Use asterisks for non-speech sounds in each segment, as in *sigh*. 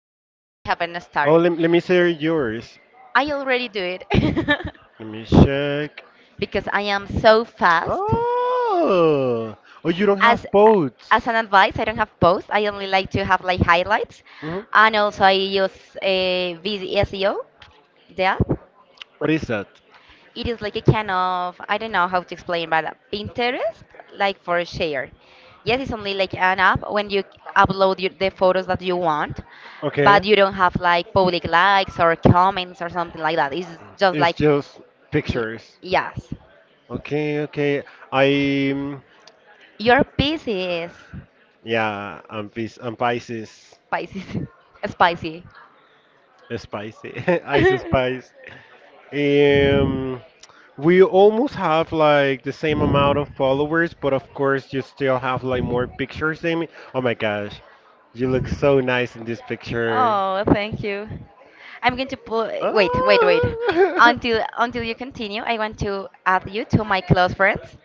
that reason, Okay. I haven't Oh, started. started. Let me share yours. I already do it *laughs* Let me check. because I am so fast. Oh, oh, you don't As have as boats. an advice, I don't have both. I only like to have like highlights, Mhm. and also I use a the app. What is that? It is like a kind of I don't know how to explain, but Pinterest, like for share. Yes, it's only like an app when you upload your, the photos that you want, but Okay, you don't have like public likes or comments or something like that. It's just it's like just y- pictures. yes, Okay, okay. I'm your piece is Yeah, I'm Pisces, spicy, *laughs* spicy. spicy, *laughs* ice *laughs* spice. Um, we almost have like the same amount of followers, but of course you still have like more pictures than me. Oh my gosh, you look so nice in this picture. Oh, well, thank you. I'm going to pull. Wait, wait, wait. Oh. *laughs* Until you continue, I want to add you to my close friends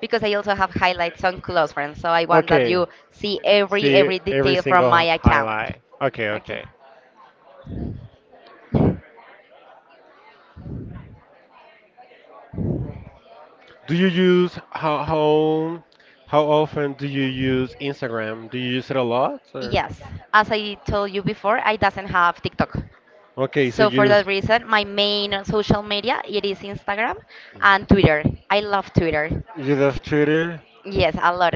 because I also have highlights on close friends. So I want that Okay, you see every see every every detail from my single account. highlight. Okay, Okay. okay. Do you use how often do you use Instagram? Do you use it a lot or? Yes, as I told you before, I doesn't have TikTok. Okay, So for that reason, my main social media it is Instagram and Twitter. I love Twitter. You love Twitter? Yes, a lot.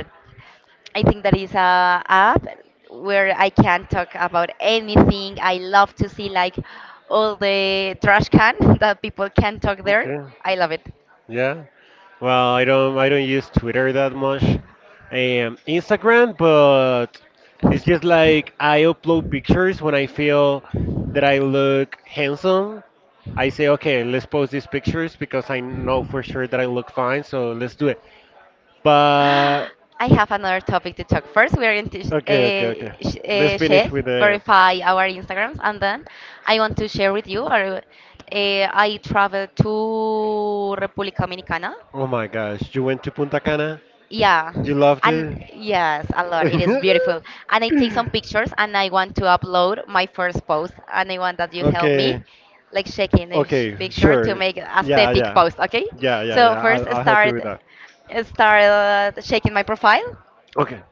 I think that is a app where I can talk about anything. I love to see like all the trash can *laughs* that people can talk there. Okay. I love it. Yeah. Well, I don't use Twitter that much. Instagram, but it's just like I upload pictures when I feel that I look handsome. I say, okay, let's post these pictures because I know for sure that I look fine, so let's do it. But *gasps* I have another topic to talk. First, we are going to Okay, okay, okay. Let's finish check, with the. verify our Instagrams, and then I want to share with you. Or I traveled to República Dominicana. Oh my gosh, you went to Punta Cana? Yeah, You loved and it? yes, a lot. It is *laughs* beautiful. And I take some pictures and I want to upload my first post. And I want that you help Okay, me, like shaking the okay, picture to sure. make Yeah, aesthetic yeah, post, okay? yeah, yeah, So yeah. first I'll help you start with that. start uh, shaking my profile. Okay,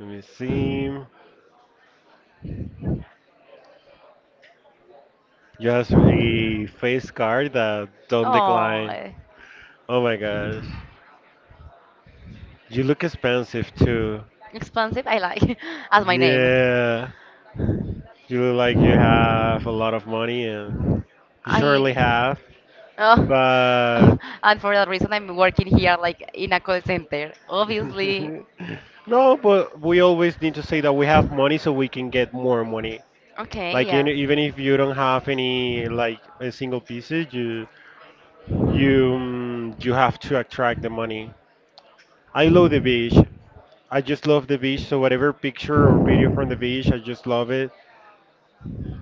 let me see. You have a face card that don't Oh, decline. Oh my gosh, you look expensive too. expensive. I like *laughs* as my name. Yeah, you look like you have a lot of money, and you surely I have. oh, But *laughs* and for that reason I'm working here like in a call center. Obviously, *laughs* no, but we always need to say that we have money so we can get more money. okay, Like in, yes. even if you don't have any like a single pieces, you have to attract the money. I love the beach. I just love the beach. So whatever picture or video from the beach, I just love it.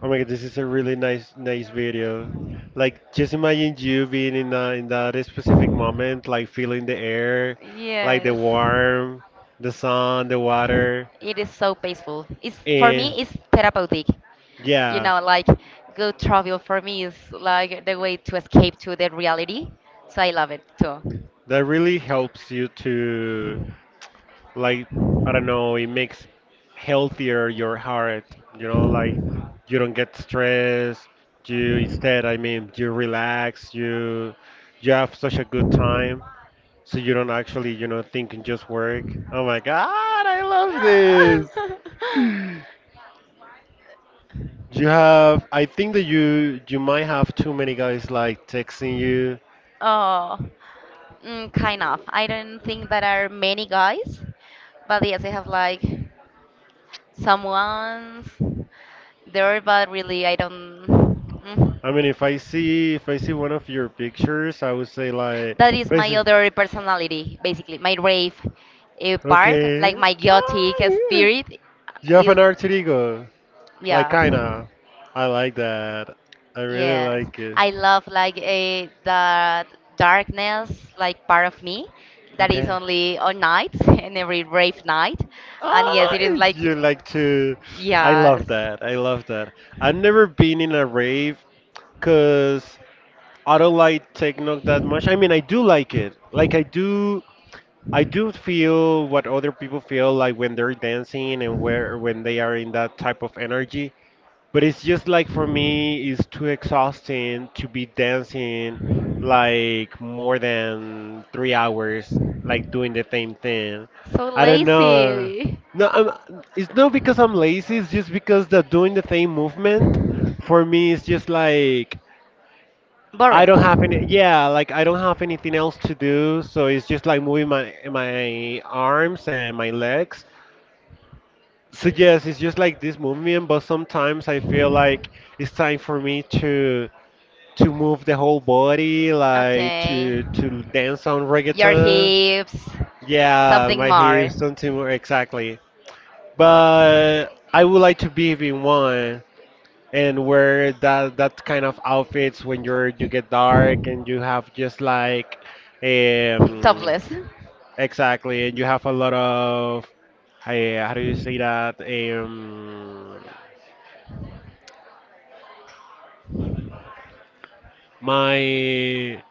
Oh my God, this is a really nice video. Like just imagine you being in that specific moment, like feeling the air, like the Yes. warm, the sun, the water, It is so peaceful. It's for and me it's therapeutic. You yeah, know, like good travel for me is like the way to escape to the reality. So I love it too. that really helps you to like, I don't know, it makes healthier your heart. You know, like you don't get stressed. You instead, I mean, you relax. You have such a good time, so you don't actually, think and just work. Oh my God, I love this. *laughs* You have, I think that you might have too many guys like texting you. Oh, mm, kind of. I don't think that are many guys, but yes, I have like someone's there, but really I don't. Mm. I mean, if I see one of your pictures, I would say like That is my basically. other personality, basically my rave part, Okay. like my Ah, gothic yeah. spirit You have is. an alter ego, like Yeah. kinda. I like that. I really Yes, like it. I love like a the darkness, like part of me, that is Okay. only on nights *laughs* and every brave night, and yes, Ah, it is like, you like to. I yes, love that. I love that. I've never been in a rave because I don't like techno that much. I mean, I do like it. Like I do feel what other people feel like when they're dancing and where when they are in that type of energy. But it's just like for me, it's too exhausting to be dancing like more than 3 hours, like doing the same thing. so I don't know. lazy, No, it's not because I'm lazy. It's just because the doing the same movement for me is just like I bored. don't have any. Yeah, like I don't have anything else to do. So it's just like moving my arms and my legs. So yes, it's just like this movement, but sometimes I feel like it's time for me to move the whole body, like Okay, to dance on your reggaeton. hips, Yeah, something my more. hips, something more exactly. But I would like to be in one and wear that kind of outfits when you get *laughs* dark and you have just like um Topless. exactly and you have a lot of. Hey, how do you say that? My,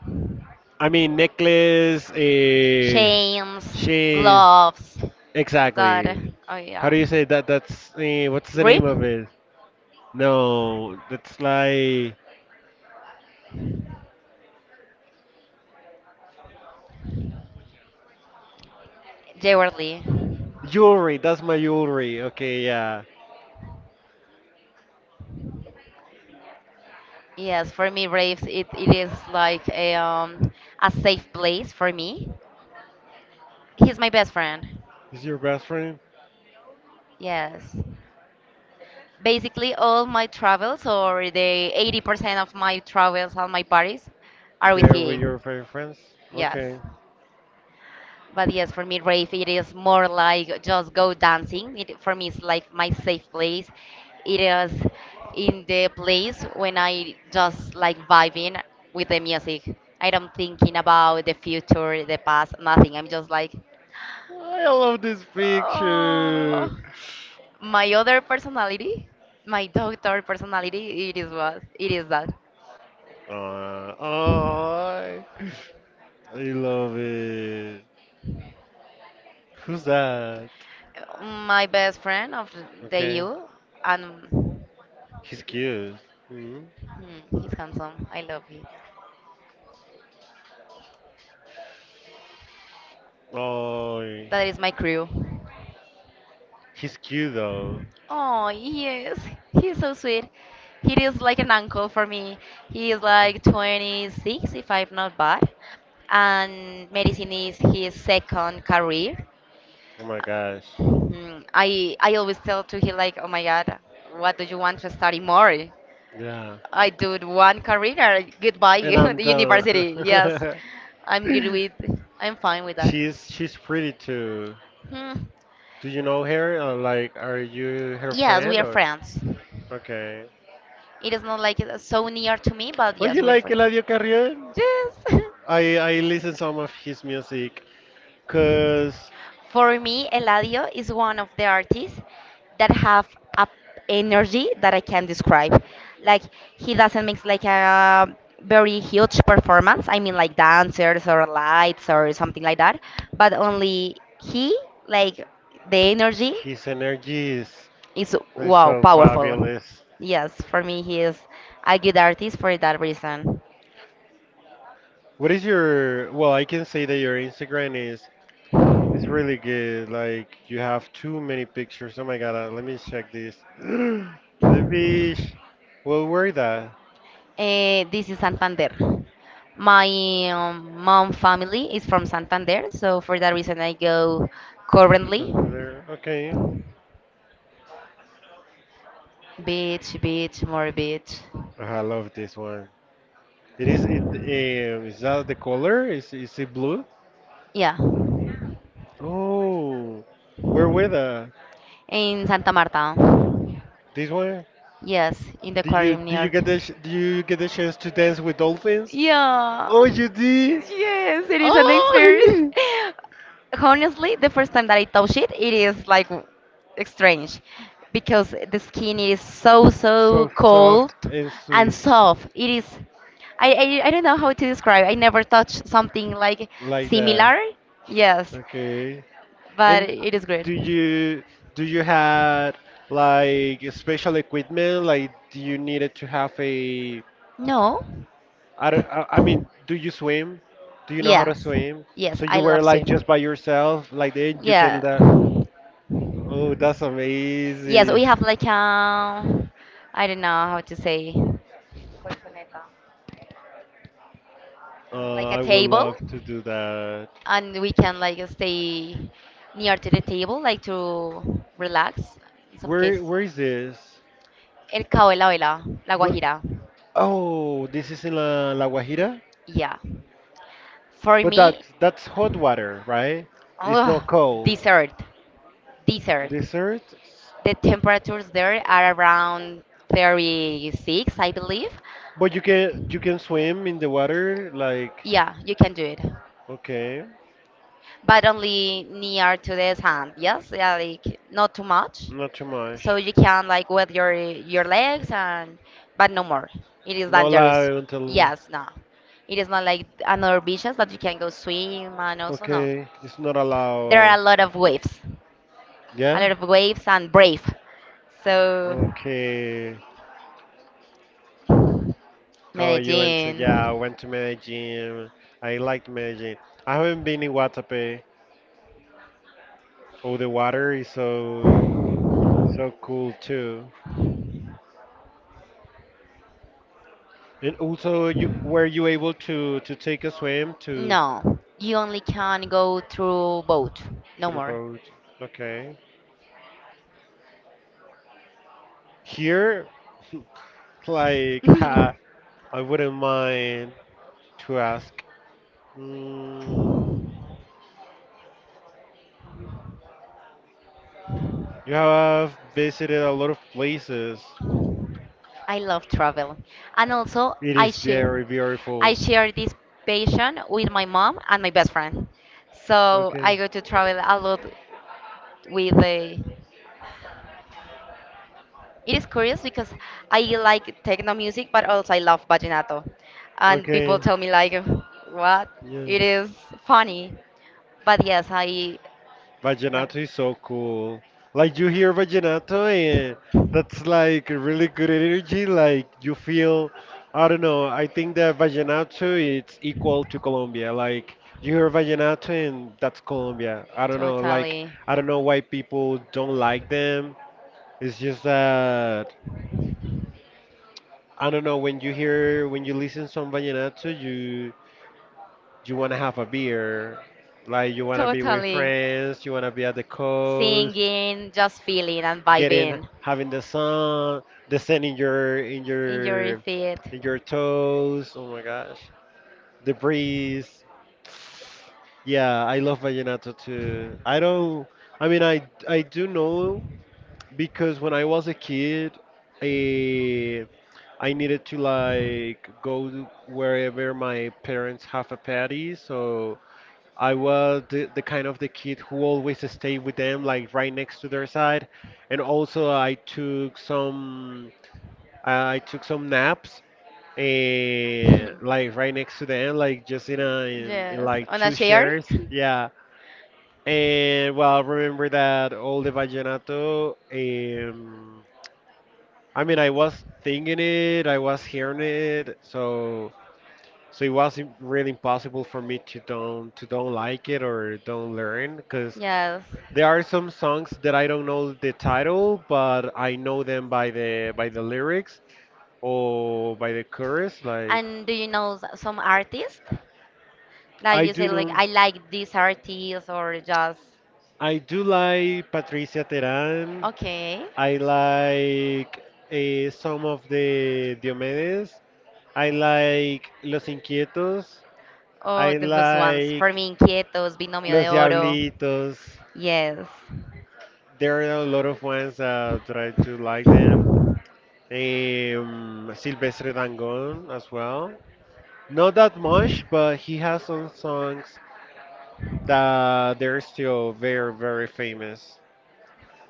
I mean, necklace. Chains, She gloves, that. exactly. Oh How yeah. do you say that? That's what's the name Grip? of it? No, that's like Jewelry. jewelry. That's my jewelry. Okay, yeah. Yes, for me, Raves, it is like a safe place for me. He's my best friend. Is your best friend Yes. Basically, all my travels, or the 80% of my travels on my parties, are with there with your him. favorite friends? Yes. Okay. But yes, for me, rave it is more like just go dancing. It for me is like my safe place. It is in the place when I just like vibing with the music. I don't thinking about the future, the past, nothing. I'm just like, I love this oh. picture. My other personality, my doctor personality, it is what it is that. Oh, I love it. Who's that? My best friend of the Okay, EU and he's cute. Mm-hmm. hmm, he's handsome. I love him. Oh, That is my crew. he's cute though. Oh, yes. He's so sweet. He is like an uncle for me. He is like 26, if I'm not bad. And medicine is his second career. Oh my gosh. Mhm. I always tell to him like, oh my God, what do you want to study more? Yeah. I do one career. Goodbye, And *laughs* I'm the university. Yes, done. I'm good *laughs* with. I'm fine with that. She's pretty too. Hmm. Do you know her? Or like, are you her Yes, we friend are or? friends. Okay. It is not like it's so near to me, but Oh, yes, you like Wilfred. Eladio Carrion? Yes. I listen some of his music, cause *laughs* For me, Eladio is one of the artists that have a energy that I can describe. Like he doesn't mix like a very huge performance. I mean like dancers or lights or something like that, but only he like the energy his energy is is like wow so powerful. fabulous. Yes, for me he is a good artist for that reason. What is I can say that your Instagram is really good. Like you have too many pictures. Oh my God, let me check this. *gasps* The beach. Well, where that? Eh, this is Santander. My mom family is from Santander, so for that reason I go To currently something there. Okay. beach, beach, more beach. Oh, I love this one. It is that the color? Is it blue? Yeah, Oh, where with in Santa Marta. this one? Yes, in the aquarium near to. Did you get the chance to dance with dolphins? Yeah. Oh, you did. Yes, it is an experience. Oh. *laughs* *laughs* Honestly, the first time that I touch it, it is like strange because the skin is so so So cold soft and and sweet, soft. It is I don't know how to describe. I never touched something like like that. similar. Yes, Okay. but And it is do great. you do you had like special equipment? Like, do you needed to have a? No. I don't, I mean, do you swim? Do you know how to Yes. swim? Yes, So you I were love like swim. just by yourself, like then you can. Yeah. Oh, that's Yes, we amazing. have like a, I don't know how to say, like a I would table, love to do that. and we can like stay near to the table, like to relax. In some case, Where is this? el cabo de la vela, la But guajira. Oh, this is in La Guajira. Yeah. For But me, that's hot water, right? It's not ugh, cold. dessert, dessert. Dessert? The temperatures there are around 36, I believe. But you can swim in the water like Yeah, you can do it. okay, But only near to this hand. Yes, yeah, like not too much. not too So much. you can like with your legs and but no more. It is Not dangerous. allowed until Yes, no. It is not like another beaches that you can go swim and also no. Okay, it's not There are allowed. a lot of waves, a Yeah? lot of waves and brave. So Okay. Oh, you went to yeah, I Medellin. went to Medellin. I liked Medellin. I haven't been in Guatapé. Oh, the water is so cool too. And also, were you able to take a swim to No, you only can go through boat, to no the more. boat? Okay. Here, *laughs* like, *laughs* I wouldn't mind to ask. Mm, you have visited a lot of places. I love travel. And also It is very I beautiful. share this passion with my mom and my best friend. So I Okay. go to travel a lot with the it is curious because I like techno music but also I love vallenato. And people Okay. tell me like what? Yeah. It is funny. But yes, I love Vaginato is so cool. Like you hear Vaginato and that's like really good energy. Like you feel, I don't know, I think that Vaginato it's equal to Colombia. Like you hear Vaginato and that's Colombia. I don't know, like totally, I don't know why people don't like them. It's just that I don't know when you listen some Vallenato, you wanna have a beer. Like you wanna be with totally. friends, you wanna be at the coast. Singing, just feeling and Getting vibing. having the sun, the sand in your in In your your feet. in your toes. Oh my gosh, the breeze. Yeah, I love vallenato too. I don't. I mean, I do know because when I was a kid, I I needed to like go wherever my parents have a party, so I was the kind of the kid who always stayed with them, like right next to their side. And also I took some naps and like right next to them, *laughs* like just in a in Yes. like On a two share? chairs. Yeah. And well, I remember that all the vallenato. I mean, I was thinking it, I was hearing it, so it was really impossible for me to don't like it or don't learn, because Yes. there are some songs that I don't know the title, but I know them by the lyrics or by the chorus. Like And do you know some artist? Like I you do say, like know, I like this artist or just I do like Patricia Teran. okay. I like some of the Diomedes. I like Los Inquietos. I Oh, the first ones. For like me, Inquietos, Binomio Los de Oro. Diablitos. Yes. There are a lot of ones that I do like them. Silvestre Dangon as well. Not that much, but he has some songs that they're still very, very famous.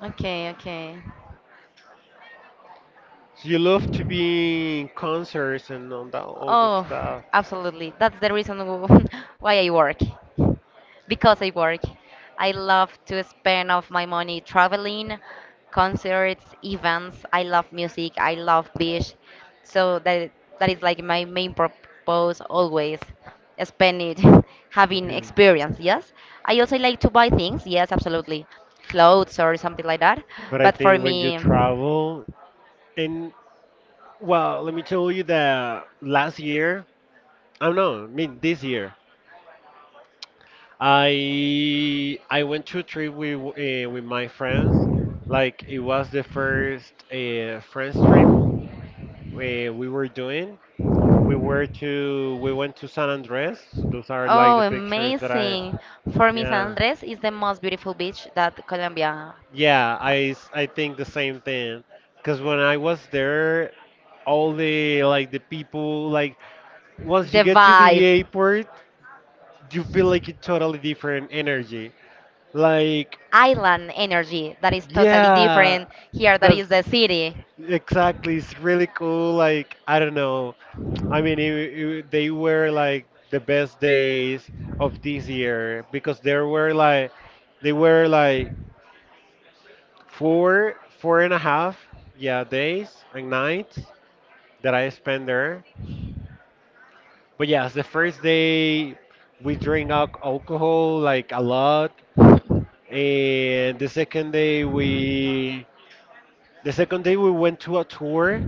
Okay, okay. So you love to be in concerts and all that, all the Oh, stuff. absolutely. That's the reason *laughs* why I work. Because I work. I love to spend of my money traveling, concerts, events. I love music. I love beach. So that is like my main purpose always. Spend it *laughs* having Okay. experience, yes. I also like to buy things, yes, absolutely. Clothes or something like that. But I But for think when you me travel, and well, let me tell you that last year, I don't know, I mean this year, I went to a trip with my friends. Like it was the first friends trip we were doing. We went to San Andres. Those are oh, like the pictures that I, amazing. For me, San yeah, Andres is the most beautiful beach that Colombia yeah, has. I think the same thing. Because when I was there, all the like the people like once you The get to the vibe, airport, you feel like a totally different energy. Like, island energy that is totally yeah, different here, that is that's the city. exactly. It's really cool. Like, I don't know. I mean, they were like the best days of this year because there were like, they were like four, four and a half, yeah, days and nights that I spent there. But yes, the first day we drink alcohol like a lot. And The second day we went to a tour,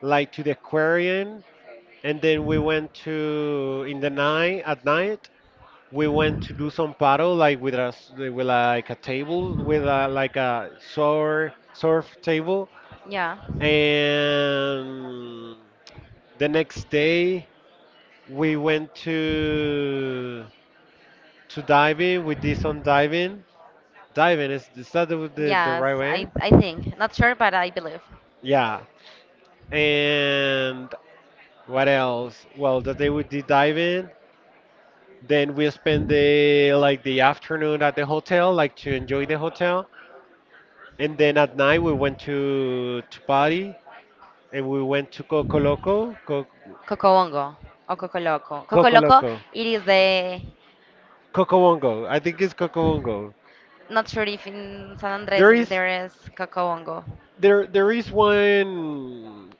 like to the aquarium, and then we went to in the night at night we went to do some paddle like with us with like a table like a surf table, Yeah. and the next day we went to diving we did some diving. Diving is that the Yes, right way? I think. Not sure, but I believe. Yeah. And what else? Well, that day we did dive in, then we spent the afternoon at the hotel, like to enjoy the hotel, and then at night we went to party and we went to Coco Loco, Cocobongo or Cocoloco. Coco Cocoloco, Loco, it is the, Coco Wongo. I think it's Coco Wongo. not sure if in San Andres There is there is Cocobongo. there there is one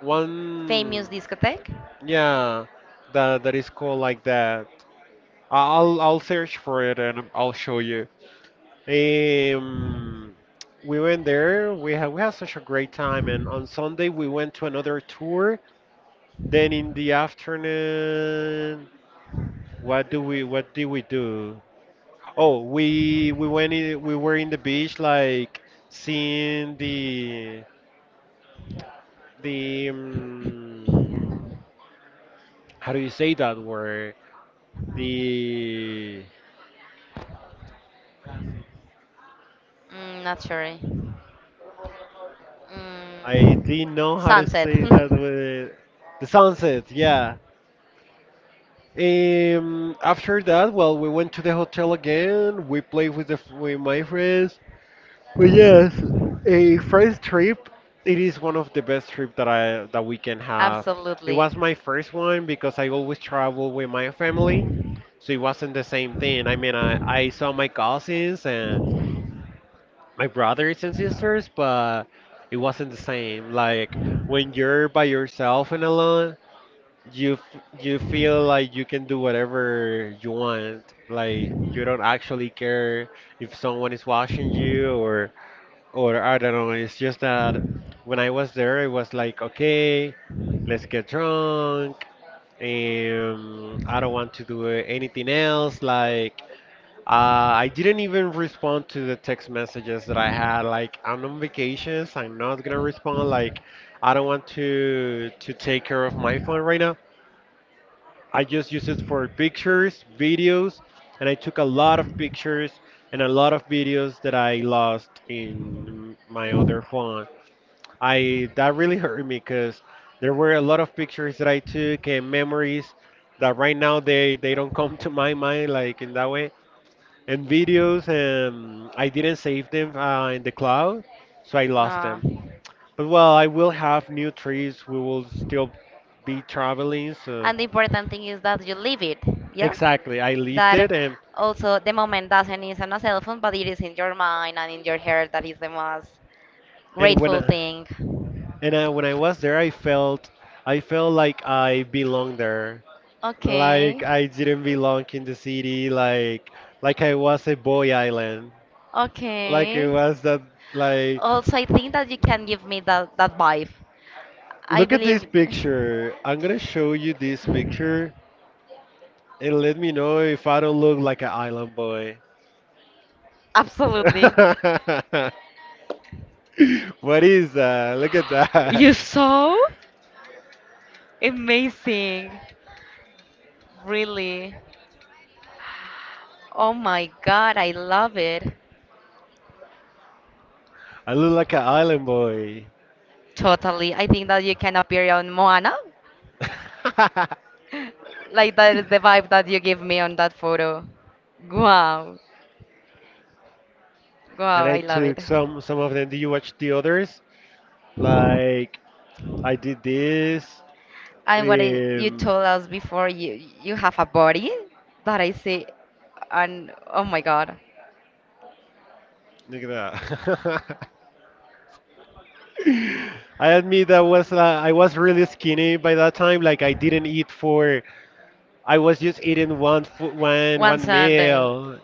one Famous discotheque? yeah, that is called like that. I'll search for it and I'll show you. Um, we went there. We had such a great time, and on Sunday we went to another tour. Then in the afternoon, what did we do? Oh, we were in the beach, like seeing the how do you say that word? The Mm, not sure. I Mm, didn't know how to sunset. say that word. The sunset, yeah. After that, well, we went to the hotel again. We played with the with my friends. But yes, a first trip. It is one of the best trips that I that we can *laughs* have. It Absolutely. was my first one because I always travel with my family, so it wasn't the same thing. I mean, I saw my cousins and my brothers and sisters, but it wasn't the same. Like when you're by yourself and alone, you feel like you can do whatever you want, like you don't actually care if someone is watching you, or I don't know, it's just that when I was there it was like, okay, let's get drunk and I don't want to do anything else. Like I didn't even respond to the text messages that I had, like I'm on vacations, I'm not gonna respond. Like I don't want to take care of my phone right now. I just use it for pictures, videos, and I took a lot of pictures and a lot of videos that I lost in my other phone. I that really *laughs* hurt me because there were a lot of pictures that I took and memories that right now they don't *laughs* come to my mind like in that way. And videos, and I didn't save them in the cloud, so I lost No. them. But well, I will have new trees. We will still be traveling, so. And the important thing is that you live it, yes? Exactly. I lived That it. and also the moment doesn't is on a cell phone, but it is in your mind and in your heart. That is the most And when grateful I, thing. and I, when I was there, I felt like I belonged there. Okay. Like I didn't belong in the city. Like I was a boy island. Like it Okay. was that, like Also, I think that you can give me that, that vibe. I look at believe. this *laughs* picture. I'm gonna show you this picture and let me know if I don't look like an island boy. Absolutely. *laughs* What is that? Look at You that. so amazing. Really. Oh my god, I love it. I look like an island boy. Totally. I think that you can appear on Moana. *laughs* Like that is the vibe that you give me on that photo. Wow, wow, And I I love took it. some of them. Did you watch the others? Like I did this. And what I, you Um, told us before, you have a body that I see, and oh my God, look at that. *laughs* I admit that was I was really skinny by that time. Like I didn't eat for. I was just eating one food, one one one Sunday. meal.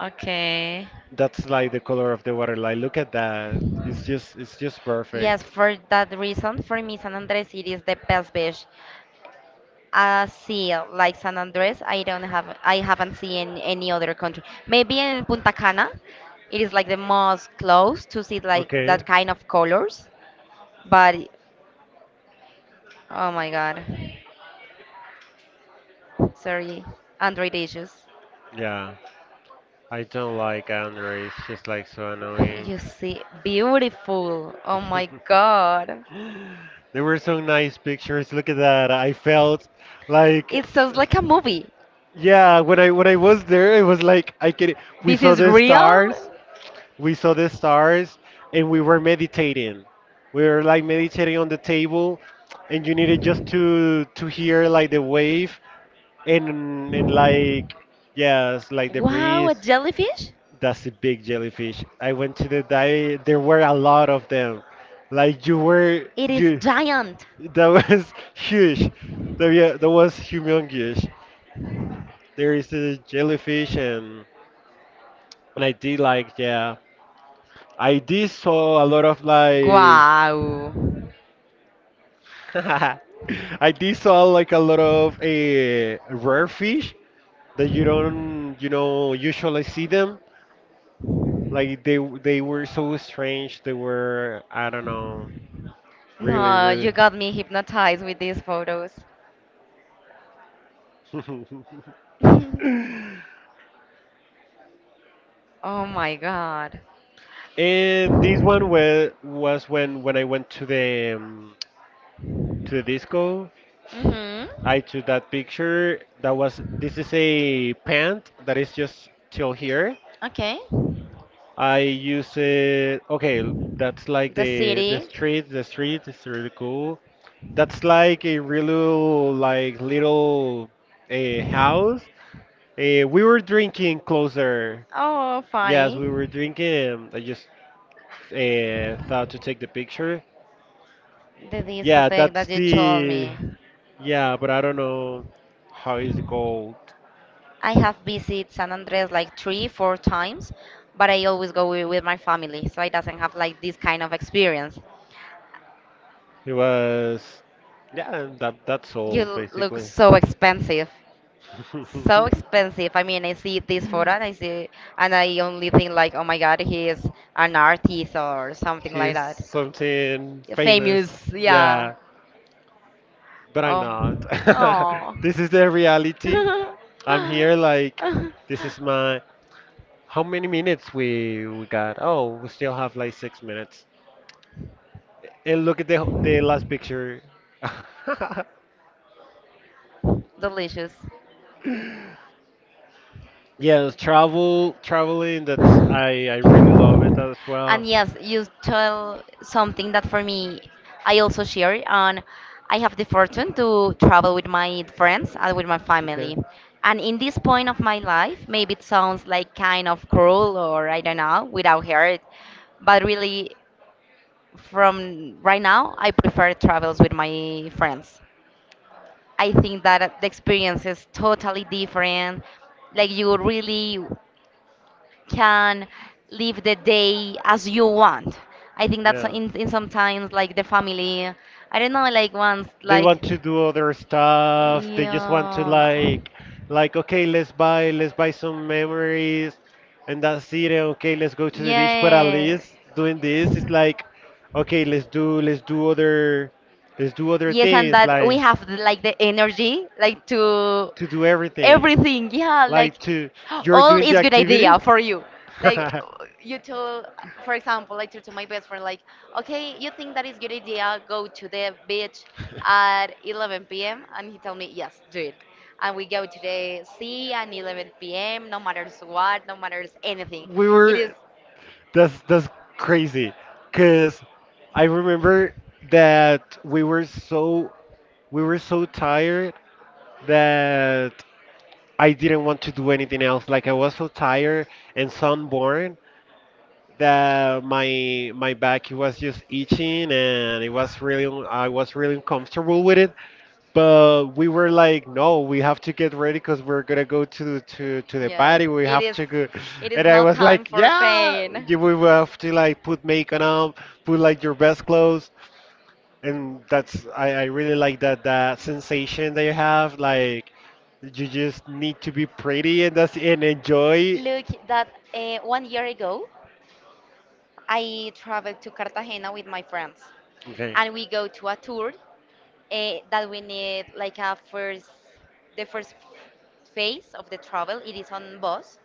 Okay. That's like the color of the water. Like look at that. It's just Yes, perfect. for that reason, for me, San Andres it is the best beach. See, like San Andres, I don't have, I haven't seen any other country. Maybe in Punta Cana, it is like the most close to see like Okay. that kind of colors. But oh my God, sorry, Android issues. Yeah. I don't like Andre. It's just like so *laughs* annoying. You see, beautiful. Oh my *laughs* God, There were some nice pictures. Look at that. I felt like, it sounds like a movie. yeah, when I was there, it was like I can we This saw is the real. stars. We saw the stars and we were meditating. We were like meditating on the table, and you needed just to hear like the wave, and like yes, like the Wow, a breeze. jellyfish? That's a big jellyfish. I went to the dive. There were a lot of them. Like you were It is you. giant. That was *laughs* huge. That, yeah, that was humongous. There is a jellyfish, and I did like, yeah. I did saw a lot of like Wow. *laughs* I did saw like a lot of rare fish that you don't, you know, usually see them. Like they were so strange. They were, I don't know, really, No, really. you got me hypnotized with these photos. *laughs* Oh my god. And this one was when I went to the disco. Mhm. I took that picture. That was this is a pant that is just till here, Okay. I use it. Okay, that's like The the city. street. The street is really cool. That's like a really like little house. We were drinking closer. Oh, yeah, Yes, we were funny. drinking. I just thought to take the picture. The Yeah, discotheque that's that you told the. me. Yeah, but I don't know how is it called. I have visited San Andres like three, four times, but I always go with my family, so I doesn't have like this kind of experience. It was. Yeah, and that that's You all look basically. so expensive. So expensive. I mean, I see *laughs* this photo *laughs* and I see, and I only think like, oh my God, he is an artist or something like She's that. something Yeah, famous. famous, yeah. Yeah, but I'm not. Um, *laughs* oh. This is the reality. I'm here like this is *laughs* my how many minutes we got? Oh, we still have like six minutes. And look at the last picture. *laughs* Delicious. Yes, traveling, that's uh, I I really love it love. as And well. lot. Yes, you tell something that for me, I also share. And I have the fortune to travel with my friends and with my Okay. family. And in this point of my life, maybe it sounds like kind of cruel or I don't know, without heart. But really, from right now, I prefer travels with my friends. I think that the experience is totally different. Like you really can live the day as you want. I think that's Yeah. In sometimes like the family. I don't know, like once They like want to do other stuff. They just want to yeah, like okay, let's buy some memories and that's it. And okay, let's go to the beach. But at yeah. least doing this is like, okay, let's do other Yes, and things that like we have the- like the energy, like to to do everything. everything. Yeah, like Like to you're all doing the is good activities? idea for you. Like *laughs* you told, for example, like told to my best friend, like, okay, you think that is good idea? Go to the beach at 11 p.m. And he told me, yes, do it. And we go to the sea at 11 p.m. No matters what, no matters anything. We It were is that's crazy because I remember that we were so tired that I didn't want to do anything else. Like I was so tired and sunburned that my back it was just itching and it was really I was really uncomfortable with it. But we were like, no, we have to get ready because we're gonna go to the yes, party. We it have is. to go, It is and I not was time like, for yeah, pain. We will have to like put makeup on, put like your best clothes, and that's I really like that that sensation that you have, like you just need to be pretty and that's and enjoy. Look, that one year ago, I traveled to Cartagena with my friends, Okay. and we go to a tour that we need like a first, the first phase of the travel. It is on bus,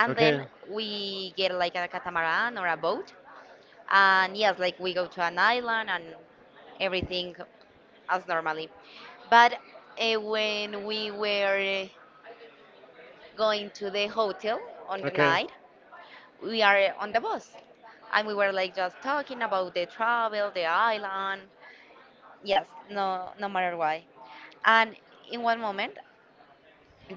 and then Okay. we get like a catamaran or a boat, and yes, like we go to an island and everything as normally. But when we were going to the hotel on the Okay. night, we are on the bus, and we were like just talking about the travel, the island. Yes, no, no matter why. And in one moment,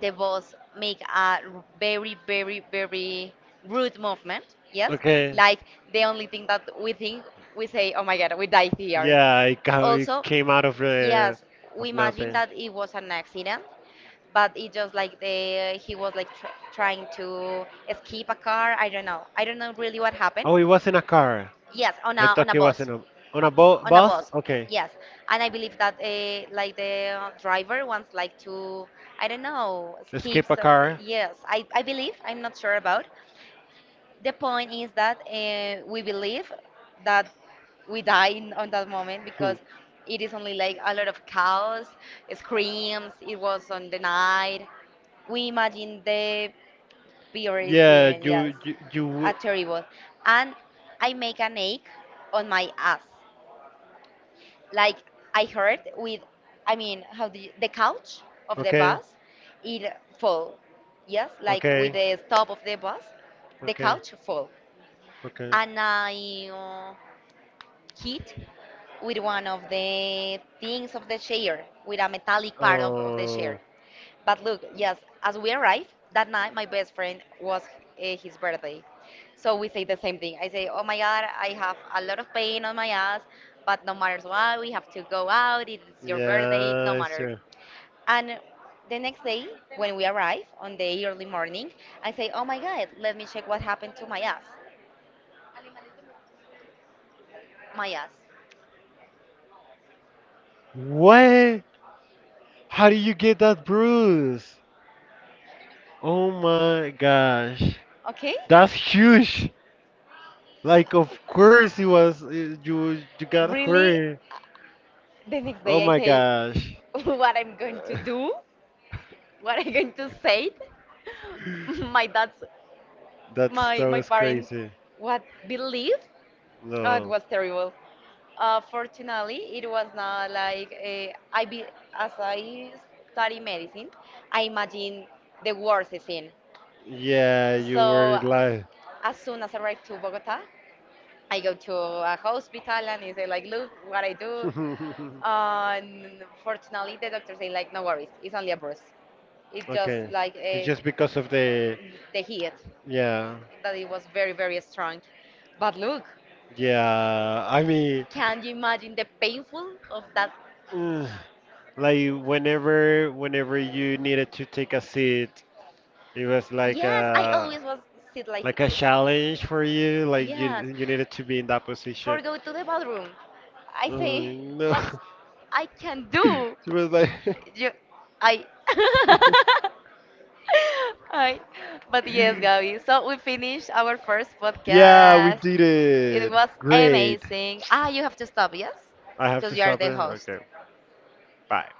the boss make a very, very, very rude movement. Yes, like the only thing that we think we say, "Oh my God, we die here." Yeah, it, it Also, came out of, yeah, the yes, we of imagine nothing. that it was an accident, but it just like the he was like tr trying to escape a car. I don't know. I don't know really what happened. Oh, it was in a car. Yes, A it on a was bus. bus, In a on no, a bo on a bus. bus. Okay. Yes, and I believe that like the driver wants like to I don't know skip Escape a some. car. *laughs* Yes, I believe I'm not sure about, the point is that we believe that we die in, on that moment Hmm. because it is only like a lot of chaos, screams. It was on the night. We imagine the purest Yeah, scene, yes, you. a terrible. And I make an ache on my ass, like I heard with, I mean, how the couch of the Okay. bus, it fall, yes, like with Okay. the stop of the bus, the Okay. couch fall Okay. and I hit with one of the things of the chair, with a metallic part of the Oh, chair. But look, yes, as we arrived that night, my best friend was his birthday. So we say the same thing. I say, oh my God, I have a lot of pain on my ass, but no matter what, we have to go out. It's your birthday, no yeah, it's matter. true. And the next day, when we arrive on the early morning, I say, oh my God, let me check what happened to my ass. My ass. What? How do you get that bruise? Oh my gosh, Okay? that's huge! Like, of course it was you. You got Really, hurt. the next Oh day I my say gosh. *laughs* what I'm going to Uh, do, what I'm going to say. *laughs* My dad's, That's my that my was parents, crazy. what believe? Oh, it No. was terrible. Fortunately, it was not like I be as I study medicine, I imagine the worst scene. Yeah, you So were live. as soon as I arrived to Bogota, I go to a hospital and they say like, look what I do. *laughs* And fortunately, the doctor say like, no worries, it's only a bruise. It Okay. just like It's a, just because of the the heat yeah. that it was very very strong. But look, Yeah. I mean, can you imagine the painful of that? *sighs* ugh, like whenever you needed to take a seat, it was Yes, I always was sit like like a this. challenge for you, like you Yes, you needed to be in that position. for go to the bathroom. I I say, no. what I can do? *laughs* She was like, You, I. *laughs* *laughs* Hi. But yes, Gabby. So we finished our first *laughs* yeah, we podcast. did It it. was Great. amazing. Ah, you have to stop, yes? I have Because to you are stop it. the host. Okay, bye.